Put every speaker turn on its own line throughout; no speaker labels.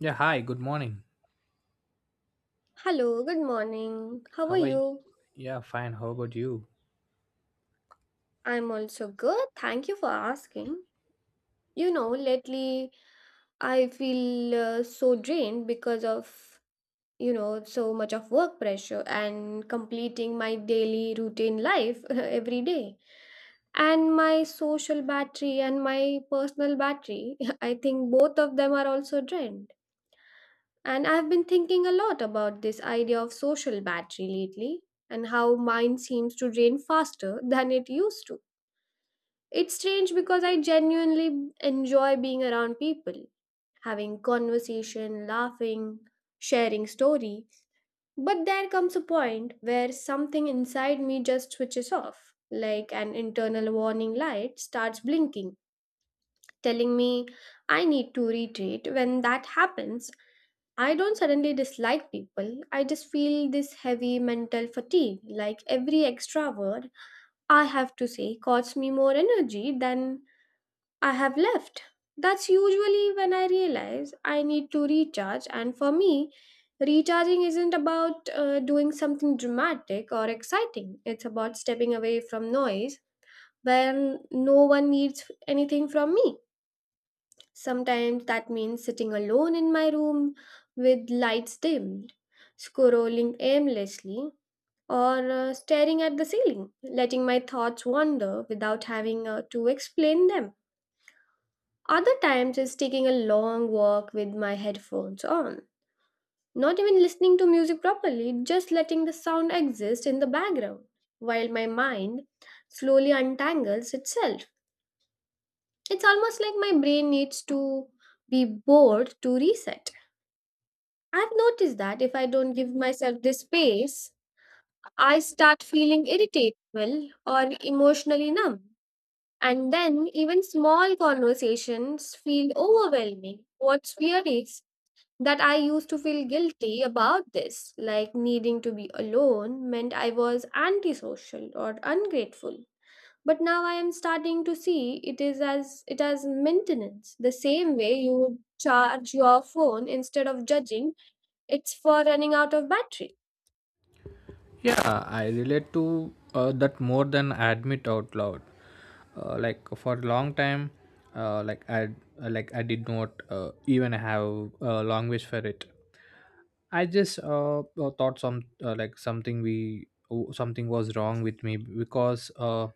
Yeah, hi, good morning.
Hello, good morning. How are
How are you?
you?
Yeah, fine. How about you?
I'm also good. Thank you for asking. You know, lately I feel so drained because of, you know, so much of work pressure and completing my daily routine life every day. And my social battery and my personal battery, I think both of them are also drained. And I've been thinking a lot about this idea of social battery lately and how mine seems to drain faster than it used to. It's strange because I genuinely enjoy being around people, having conversation, laughing, sharing story, but there comes a point where something inside me just switches off, like an internal warning light starts blinking, telling me I need to retreat. When that happens, I don't suddenly dislike people. I just feel this heavy mental fatigue. Like every extra word I have to say costs me more energy than I have left. That's usually when I realize I need to recharge, and for me, recharging isn't about doing something dramatic or exciting. It's about stepping away from noise when no one needs anything from me. Sometimes that means sitting alone in my room with lights dimmed, scrolling aimlessly, or staring at the ceiling, letting my thoughts wander without having to explain them. Other times is taking a long walk with my headphones on, not even listening to music properly, just letting the sound exist in the background while my mind slowly untangles itself. It's almost like my brain needs to be bored to reset. I've noticed that if I don't give myself this space, I start feeling irritable or emotionally numb. And then even small conversations feel overwhelming. What's weird is that I used to feel guilty about this, like needing to be alone meant I was antisocial or ungrateful. But now I am starting to see it is as it as maintenance, the same way you would charge your phone instead of judging it's for running out of battery.
Yeah, I relate to that more than I admit out loud. Like for a long time, uh, like I I did not even have a language for it. I just thought something was wrong with me because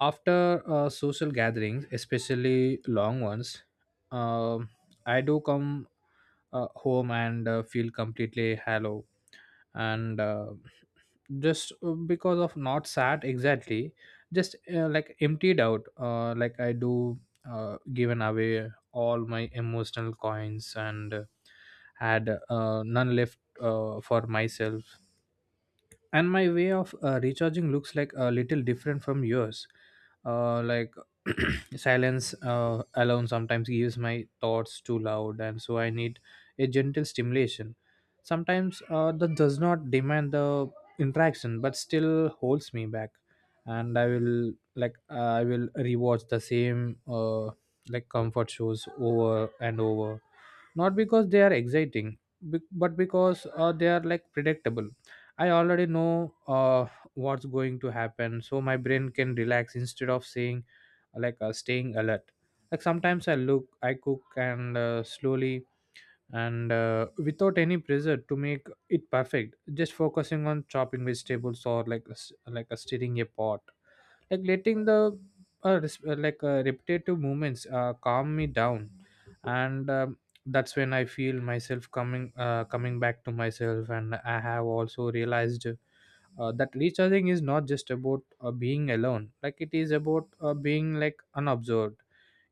after social gatherings, especially long ones, um I do come home and feel completely hollow, and just because of not sad exactly, just like emptied out. Like I do given away all my emotional coins, and had none left for myself. And my way of recharging looks like a little different from yours uh, like Silence alone sometimes gives my thoughts too loud, and so I need a gentle stimulation sometimes that does not demand the interaction but still holds me back. And I will rewatch the same like comfort shows over and over, not because they are exciting, but because they are like predictable. I already know what's going to happen, so my brain can relax instead of saying like staying alert. Like sometimes I cook, and slowly, and without any pressure to make it perfect, just focusing on chopping vegetables, or like a s- like a stirring a pot, like letting the repetitive movements calm me down. And that's when I feel myself coming back to myself, and I have also realized that recharging is not just about being alone, like it is about being like unobserved.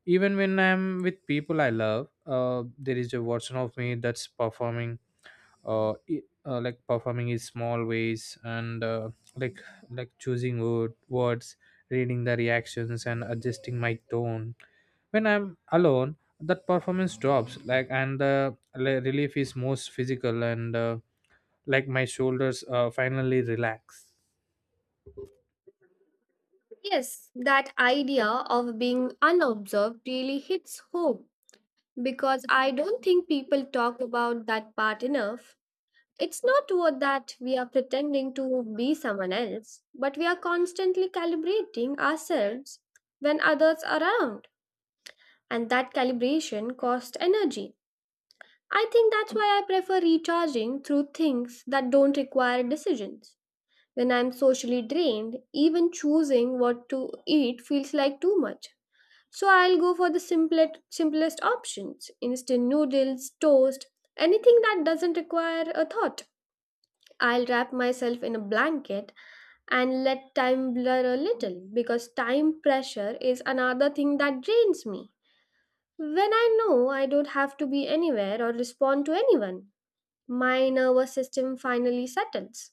Even when I'm with people I love, there is a version of me that's performing, performing in small ways, and like like choosing words, reading the reactions, and adjusting my tone. When I'm alone, that performance drops, and the relief is most physical, and like my shoulders finally relax.
Yes, that idea of being unobserved really hits home because I don't think people talk about that part enough. It's not what that we are pretending to be someone else, but we are constantly calibrating ourselves when others are around, and that calibration costs energy. I think that's why I prefer recharging through things that don't require decisions. When I'm socially drained, even choosing what to eat feels like too much. So I'll go for the simplest options instant noodles, toast, anything that doesn't require a thought. I'll wrap myself in a blanket and let time blur a little because time pressure is another thing that drains me. When I know I don't have to be anywhere or respond to anyone, my nervous system finally settles.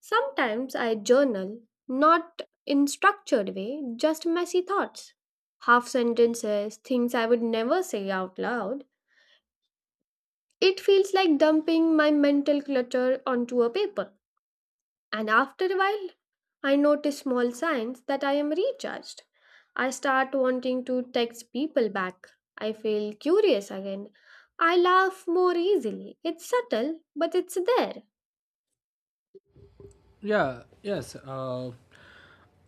Sometimes I journal, not in structured way, just messy thoughts. Half sentences, things I would never say out loud. It feels like dumping my mental clutter onto a paper. And after a while, I notice small signs that I am recharged. I start wanting to text people back. I feel curious again. I laugh more easily. It's subtle, but it's there.
Yeah, yes,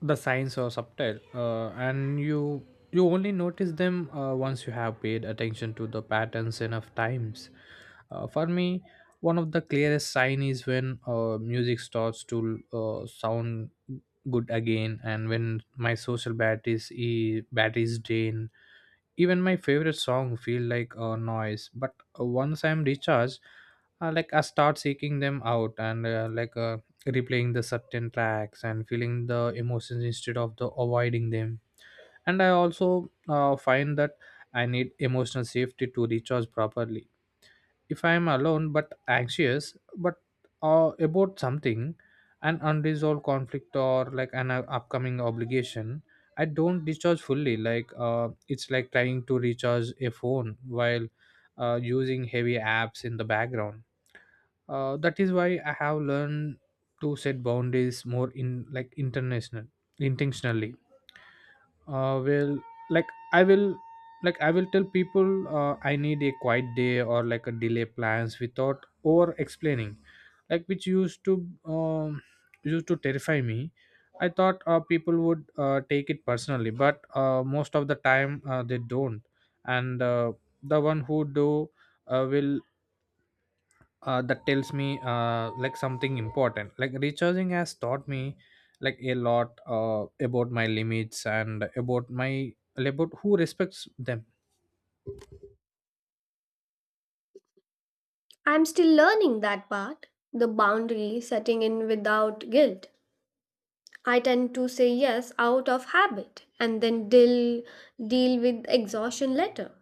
the signs are subtle, and you only notice them once you have paid attention to the patterns enough times. For me, one of the clearest sign is when music starts to sound good again, and when my social batteries drain, even my favorite song feel like a noise. But once I'm recharged, like I start seeking them out, and replaying the certain tracks and feeling the emotions instead of the avoiding them. And I also find that I need emotional safety to recharge properly. If I am alone but anxious, but about something, an unresolved conflict or like an upcoming obligation, I don't recharge fully. Like it's like trying to recharge a phone while using heavy apps in the background. That is why I have learned to set boundaries more in like international intentionally. Well, like i will I will tell people I need a quiet day, or like a delay plans, without over explaining, like which um, used to terrify me. I thought people would take it personally, but most of the time they don't. And the one who do, will that tells me like something important. Like recharging has taught me like a lot about my limits, and about my about who respects them.
I'm still learning that part, the boundary setting in without guilt. I tend to say yes out of habit and then deal with exhaustion later,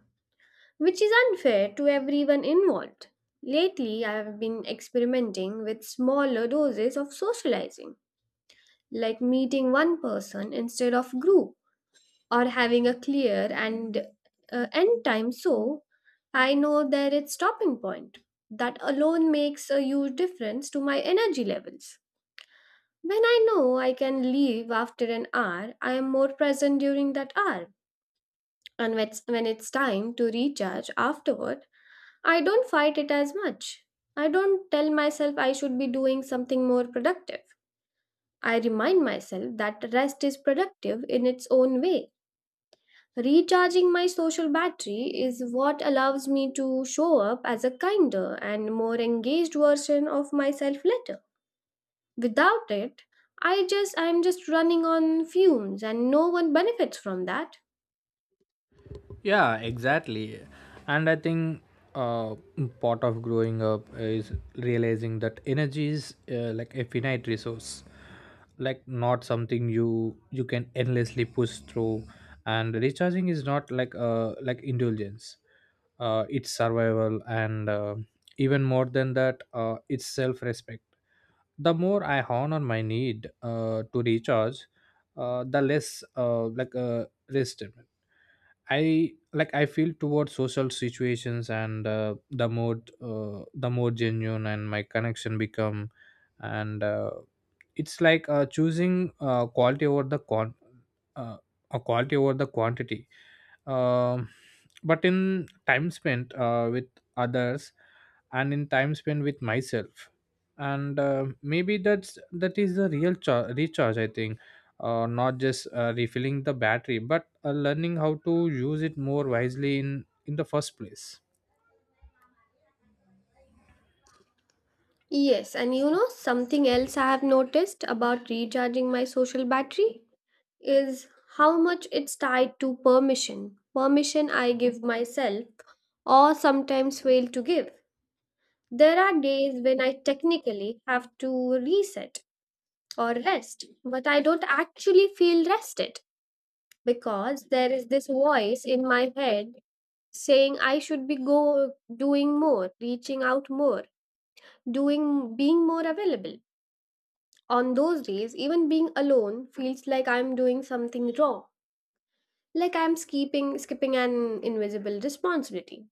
which is unfair to everyone involved. Lately, I have been experimenting with smaller doses of socializing, like meeting one person instead of group or having a clear and end time, so I know that it's stopping point. That alone makes a huge difference to my energy levels. When I know I can leave after an hour, I am more present during that hour. And when it's time to recharge afterward, I don't fight it as much. I don't tell myself I should be doing something more productive. I remind myself that rest is productive in its own way. Recharging my social battery is what allows me to show up as a kinder and more engaged version of myself later. Without it, I'm just running on fumes and no one benefits from that.
Yeah, exactly. And I think uh, part of growing up is realizing that energy is like a finite resource, like not something you can endlessly push through. And recharging is not like indulgence. It's survival, and even more than that, it's self-respect. The more I hone on my need to recharge, the less resentment I feel towards social situations, and the more genuine and my connection become, and it's like choosing uh, quality over the quantity. Um, but in time spent with others, and in time spent with myself, and maybe that is the real recharge, I think. Not just refilling the battery, but learning how to use it more wisely in the first place.
Yes, and you know something else I have noticed about recharging my social battery is how much it's tied to permission. Permission I give myself or sometimes fail to give. There are days when I technically have to reset or rest, but I don't actually feel rested because there is this voice in my head saying I should be go doing more, reaching out more, doing being more available. On those days, even being alone feels like I'm doing something wrong, like I'm skipping an invisible responsibility.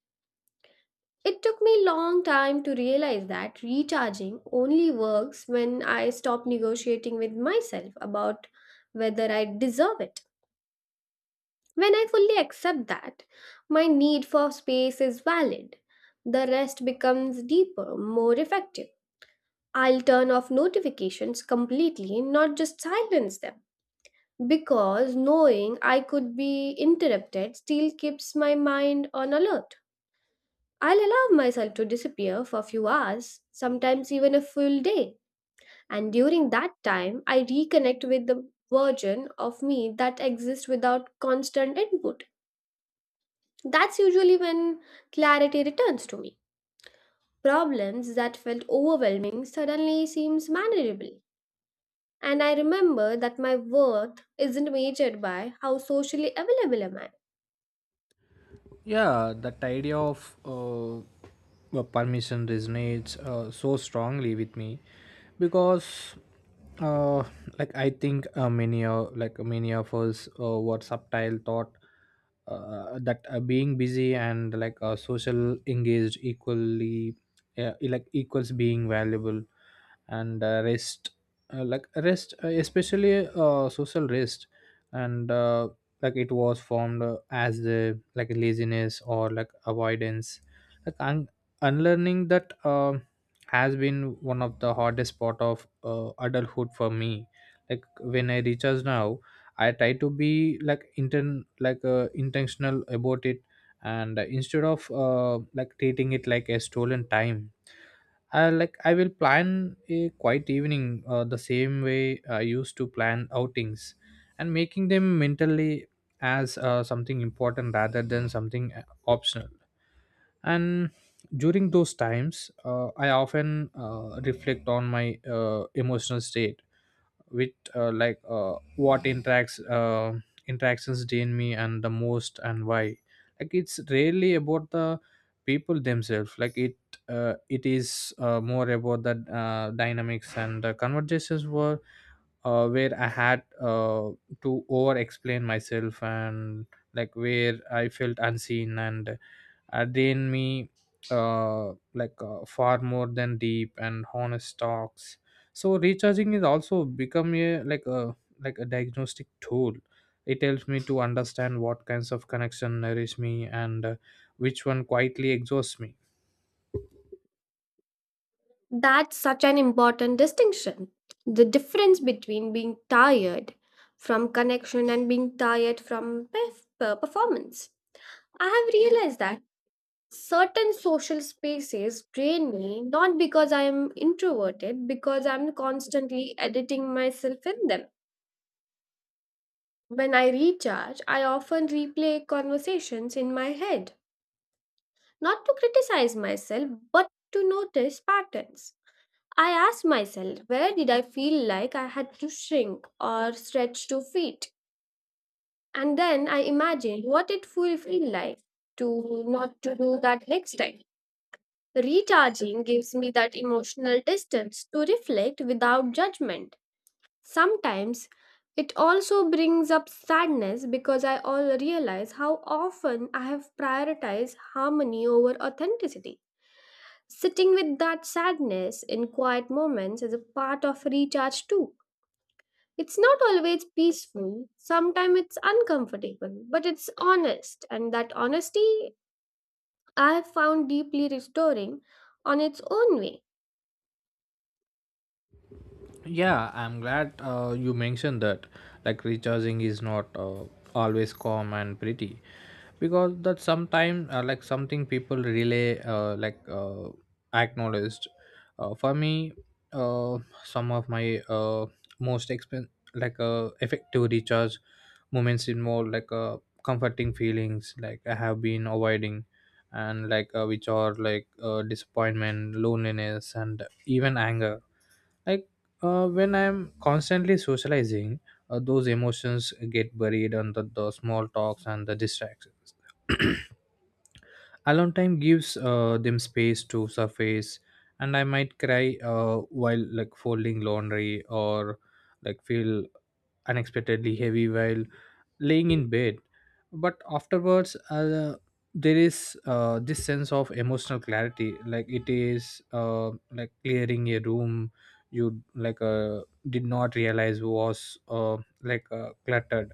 It took me long time to realize that recharging only works when I stop negotiating with myself about whether I deserve it. When I fully accept that my need for space is valid, the rest becomes deeper, more effective. I'll turn off notifications completely, not just silence them. Because knowing I could be interrupted still keeps my mind on alert. I'll allow myself to disappear for a few hours, sometimes even a full day. And during that time, I reconnect with the version of me that exists without constant input. That's usually when clarity returns to me. Problems that felt overwhelming suddenly seems manageable. And I remember that my worth isn't measured by how socially available am I.
Yeah, that idea of permission resonates so strongly with me, because uh, like I think many of like many of us were subtle thought that being busy and like social engaged equally like equals being valuable. And rest, especially social rest, and like it was formed as the like laziness or like avoidance. Like unlearning that has been one of the hardest part of adulthood for me. Like when I reach us now, I try to be like inten intentional about it, and instead of like treating it like a stolen time, I will plan a quiet evening, the same way I used to plan outings, and making them mentally as something important rather than something optional. And during those times, I often reflect on my emotional state, with like what interacts interactions drain me and the most and why. Like it's rarely about the people themselves. It is more about the dynamics, and the conversations were where I had to over explain myself, and like where I felt unseen, and I drained me far more than deep and honest talks. So recharging is also become a diagnostic tool. It helps me to understand what kinds of connection nourish me, and which one quietly exhausts me.
That's such an important distinction. The difference between being tired from connection and being tired from performance. I have realized that certain social spaces drain me not because I am introverted because I'm constantly editing myself in them. When I recharge, I often replay conversations in my head, not to criticize myself but to notice patterns. I ask myself where did I feel like I had to shrink or stretch to fit, and then I imagine what it will feel like to not to do that next time. Recharging gives me that emotional distance to reflect without judgment. Sometimes it also brings up sadness because I all realize how often I have prioritized harmony over authenticity. Sitting with that sadness in quiet moments is a part of recharge too. It's not always peaceful, sometimes it's uncomfortable, but it's honest, and that honesty I have found deeply restoring on its own way.
Yeah, I'm glad you mentioned that. Like recharging is not always calm and pretty, because that sometimes like something people really acknowledged. For me, uh, some of my most expen like effective recharge moments involve like comforting feelings like I have been avoiding, and like which are like disappointment, loneliness, and even anger. Like when I'm constantly socializing, those emotions get buried under the small talks and the distractions. Alone time gives them space to surface, and I might cry while like folding laundry, or like feel unexpectedly heavy while laying in bed. But afterwards, there is this sense of emotional clarity, like it is like clearing a room you did not realize was cluttered.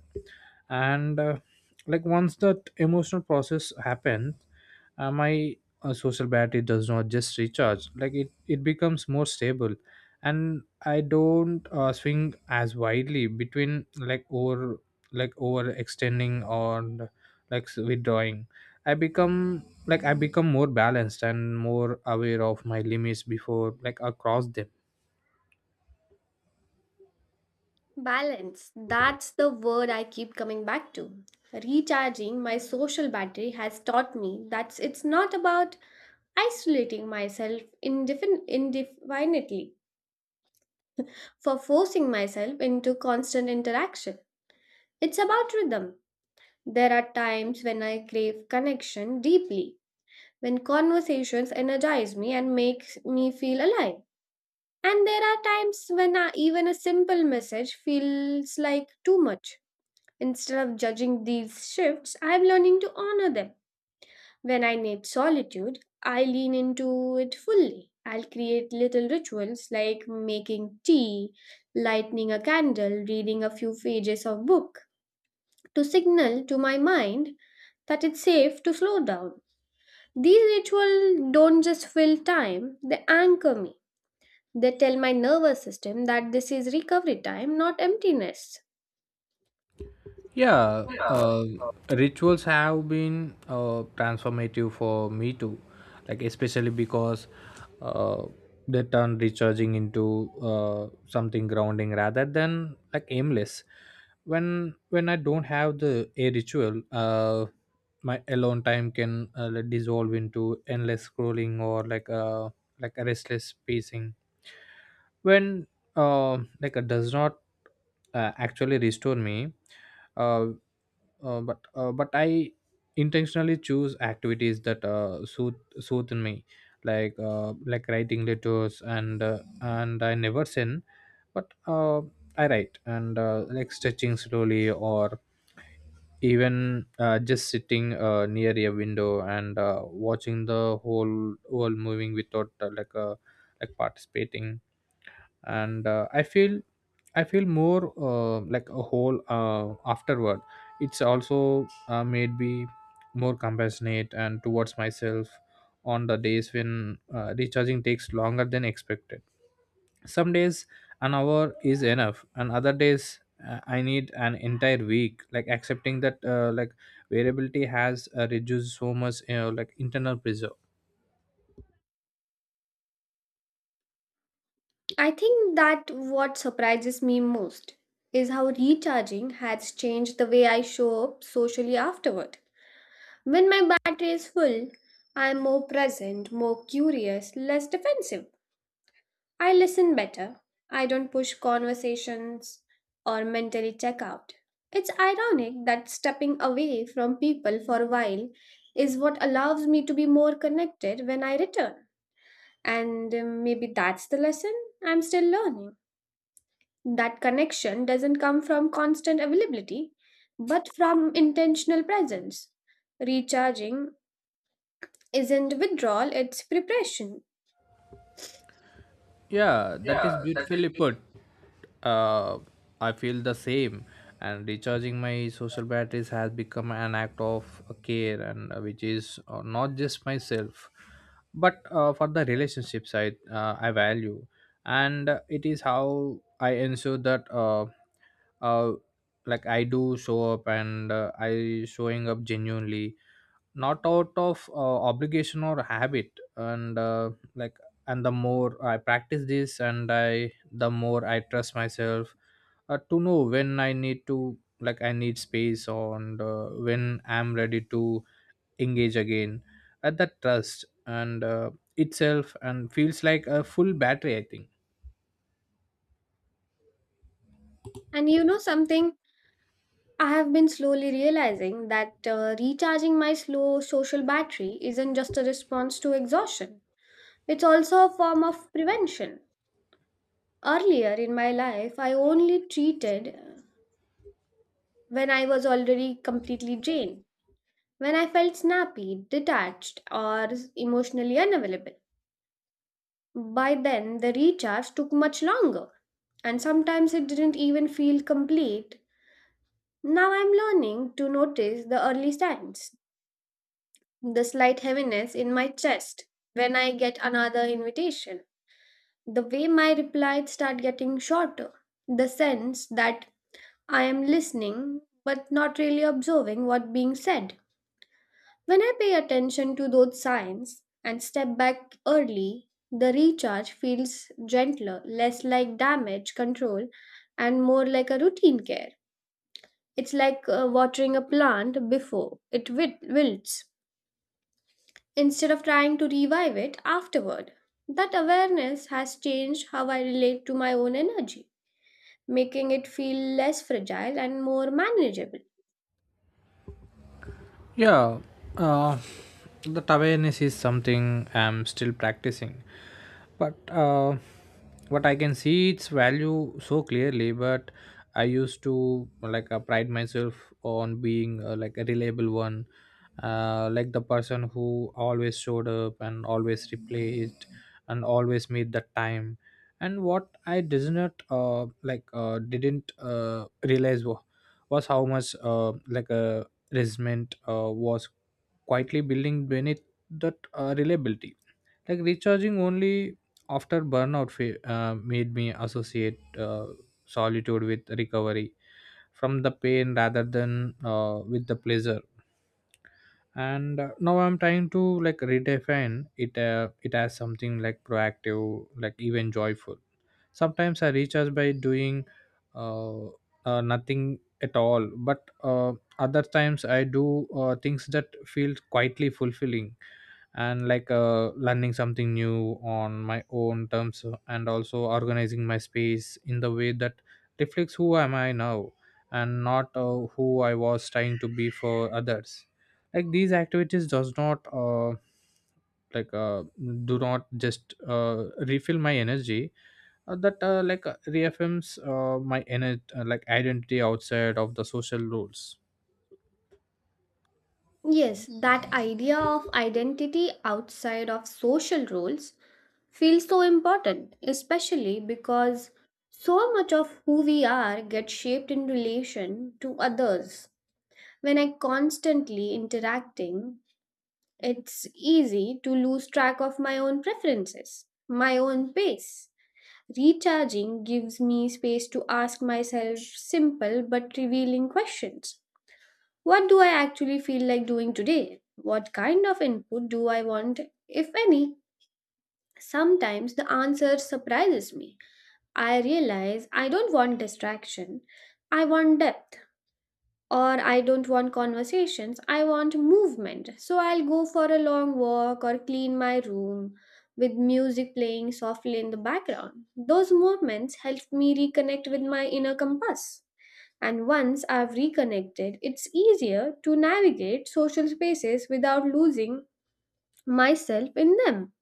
And like once that emotional process happens, my social battery does not just recharge, like it becomes more stable, and I don't swing as widely between like over extending, or like withdrawing. I become more balanced and more aware of my limits before like across them.
Balance. That's the word I keep coming back to. Recharging my social battery has taught me that it's not about isolating myself indefinitely for forcing myself into constant interaction. It's about rhythm. There are times when I crave connection deeply, when conversations energize me and make me feel alive. And there are times when even a simple message feels like too much. Instead of judging these shifts, I am learning to honor them. When I need solitude, I lean into it fully. I'll create little rituals like making tea, lighting a candle, reading a few pages of book to signal to my mind that it's safe to slow down. These rituals don't just fill time, they anchor me. They tell my nervous system that this is recovery time, not emptiness.
Yeah, rituals have been transformative for me too, like especially because uh, they turn recharging into something grounding rather than like aimless. When I don't have the a ritual, my alone time can dissolve into endless scrolling, or like a restless pacing. When uh, like it does not actually restore me, uh, but I intentionally choose activities that soothe me, like writing letters, and I never sin, but I write, and like stretching slowly, or even just sitting near a window, and watching the whole world moving without like participating. And I feel more like a whole afterward. It's also made me more compassionate and towards myself on the days when recharging takes longer than expected. Some days an hour is enough, and other days I need an entire week. Like accepting that like variability has reduced so much, like internal pressure.
I think that what surprises me most is how recharging has changed the way I show up socially afterward. When my battery is full, I am more present, more curious, less defensive. I listen better. I don't push conversations or mentally check out. It's ironic that stepping away from people for a while is what allows me to be more connected when I return. And maybe that's the lesson I'm still learning. That connection doesn't come from constant availability, but from intentional presence. Recharging isn't withdrawal, it's preparation.
Yeah, that is beautifully put. uh, I feel the same. And recharging my social batteries has become an act of care, and which is not just myself, but for the relationships I value, and it is how I ensure that uh, like I do show up and I showing up genuinely, not out of obligation or habit and and the more I practice this and I the more I trust myself to know when I need to, like, I need space, and when I'm ready to engage again. At that trust and itself and feels like a full battery, I think.
And you know something, I have been slowly realizing that recharging my slow social battery isn't just a response to exhaustion, it's also a form of prevention. Earlier in my life, I only treated when I was already completely drained, when I felt snappy, detached, or emotionally unavailable. By then, the recharge took much longer, and sometimes it didn't even feel complete. Now I'm learning to notice the early signs, the slight heaviness in my chest when I get another invitation, the way my replies start getting shorter, the sense that I am listening but not really observing what's being said. When I pay attention to those signs and step back early, the recharge feels gentler, less like damage control, and more like a routine care. It's like watering a plant before it wilts, instead of trying to revive it afterward. That awareness has changed how I relate to my own energy, making it feel less fragile and more manageable.
Yeah, uh, that awareness is something I'm still practicing, but what I can see its value so clearly. But I used to, like, pride myself on being, like, a reliable one, like the person who always showed up and always replaced and always made the time. And what I did not, like didn't realize was how much, resentment was quietly building beneath that reliability. Like recharging only after burnout made me associate solitude with recovery from the pain rather than with the pleasure. And Now I'm trying to, like, redefine it. It as something like proactive, like even joyful. Sometimes I recharge by doing uh, nothing at all, but other times I do things that feel quietly fulfilling, and, learning something new on my own terms, and also organizing my space in the way that reflects who am I now and not who I was trying to be for others. Like these activities does not like uh, do not just refill my energy, that like reaffirms my energy, like identity outside of the social rules.
Yes, that idea of identity outside of social roles feels so important, especially because so much of who we are gets shaped in relation to others. When I constantly interacting, it's easy to lose track of my own preferences, my own pace. Recharging gives me space to ask myself simple but revealing questions. What do I actually feel like doing today? What kind of input do I want, if any? Sometimes the answer surprises me. I realize I don't want distraction. I want depth. Or I don't want conversations. I want movement. So I'll go for a long walk or clean my room with music playing softly in the background. Those movements help me reconnect with my inner compass. And once I've reconnected, it's easier to navigate social spaces without losing myself in them.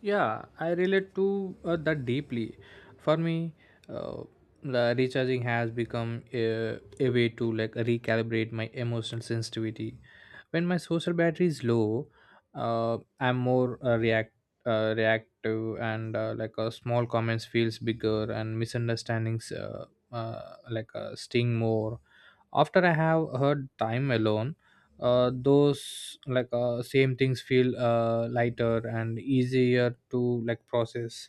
Yeah, I relate to that deeply. For me, uh, the recharging has become a way to, like, recalibrate my emotional sensitivity. When my social battery is low, I'm more reactive, and, small comments feels bigger, and misunderstandings, sting more after I have heard time alone. Those, same things feel lighter and easier to, like, process.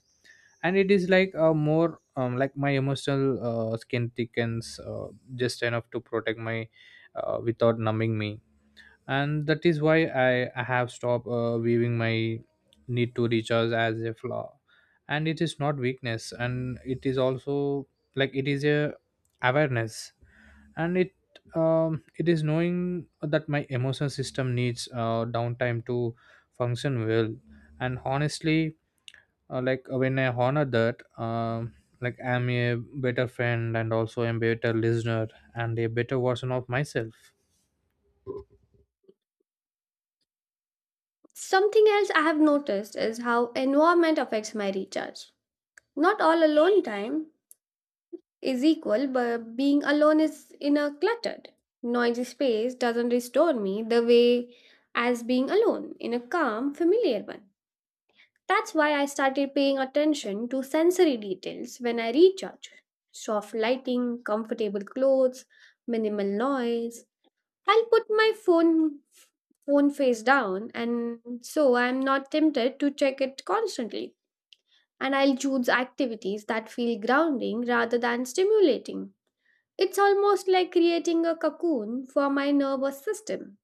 And it is like a more, like my emotional skin thickens just enough to protect my without numbing me. And that is why I have stopped viewing my need to recharge as a flaw, and it is not weakness, and it is also, like, it is a awareness. And it, it is knowing that my emotion system needs downtime to function well. And honestly, when I honor that, like I'm a better friend and also a better listener and a better version of myself.
Something else I have noticed is how environment affects my recharge. Not all alone time is equal, but being alone is in a cluttered, noisy space doesn't restore me the way as being alone in a calm, familiar one. That's why I started paying attention to sensory details when I recharge. Soft lighting, comfortable clothes, minimal noise. I'll put my phone face down and so I'm not tempted to check it constantly, and I'll choose activities that feel grounding rather than stimulating. It's almost like creating a cocoon for my nervous system.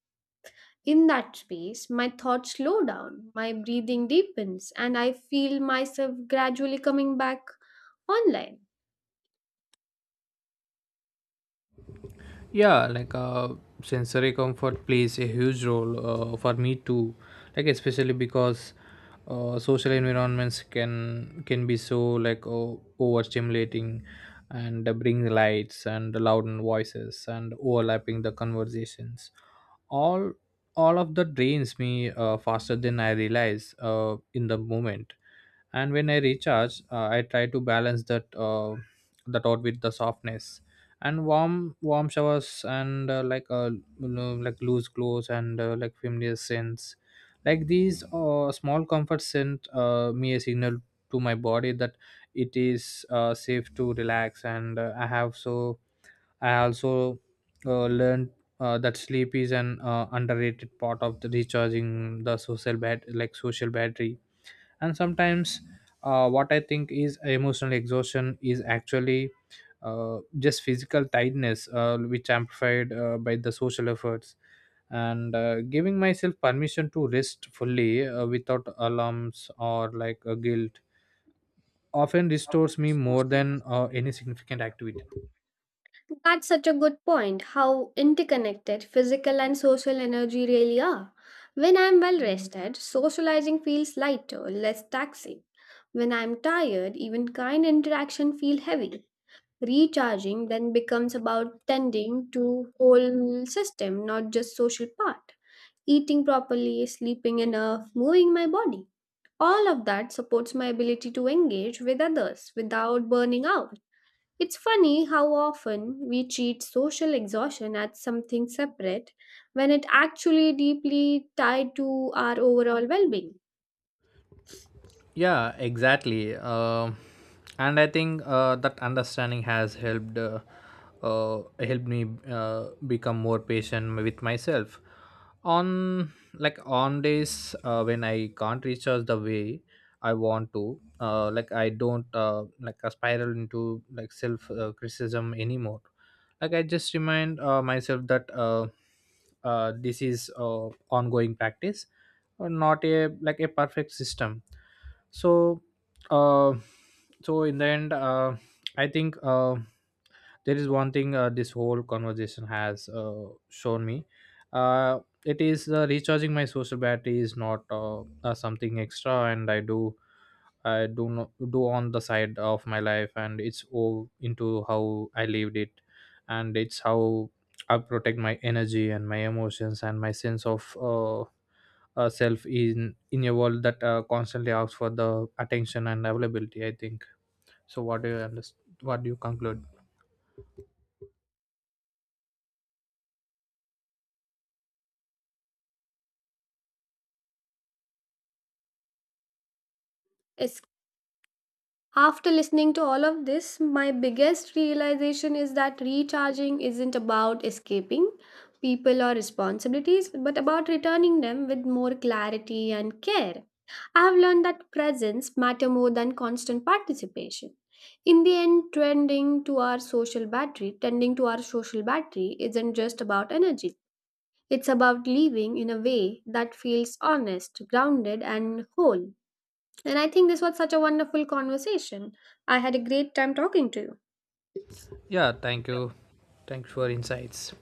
In that space, my thoughts slow down, my breathing deepens, and I feel myself gradually coming back online.
Yeah, sensory comfort plays a huge role for me too, like, especially because social environments can be so, like, o overstimulating, and bring lights and loud voices and overlapping the conversations. all all of that drains me faster than I realize in the moment. And when I recharge, I try to balance that out with the softness, and warm showers, and you know, like loose clothes, and like familiar scents. Like these small comforts sent me a signal to my body that it is safe to relax. And I have so I also learned that sleep is an underrated part of the recharging the social bat like social battery. And sometimes, what I think is emotional exhaustion is actually just physical tiredness, which amplified by the social efforts. And giving myself permission to rest fully, without alarms or like a guilt, often restores me more than any significant activity.
That's such a good point how interconnected physical and social energy really are. When I'm well rested, socializing feels lighter, less taxing. When I'm tired, even kind interaction feel heavy. Recharging then becomes about tending to whole system, not just social part. Eating properly, sleeping enough, moving my body. All of that supports my ability to engage with others without burning out. It's funny how often we treat social exhaustion as something separate when it actually deeply tied to our overall well-being.
Yeah, exactly. And I think that understanding has helped, helped me become more patient with myself. On days when I can't reach out the way I want to. Like I don't, like, I spiral into, like, self criticism anymore. Like I just remind myself that, this is ongoing practice, or not a like a perfect system. So, uh in the end, I think there is one thing this whole conversation has shown me. uh it is, recharging my social battery is not, something extra, and I do, I do not do on the side of my life, and it's all into how I lived it. And it's how I protect my energy and my emotions and my sense of, self in a world that constantly asks for the attention and availability, I think. So, what do you understand, what do you conclude?
After listening to all of this, my biggest realization is that recharging isn't about escaping people or responsibilities, but about returning them with more clarity and care. I have learned that presence matter more than constant participation. In the end, tending to our social battery isn't just about energy. It's about living in a way that feels honest, grounded, and whole. And I think this was such a wonderful conversation. I had a great time talking to you.
Yeah, thank you. Thanks for insights.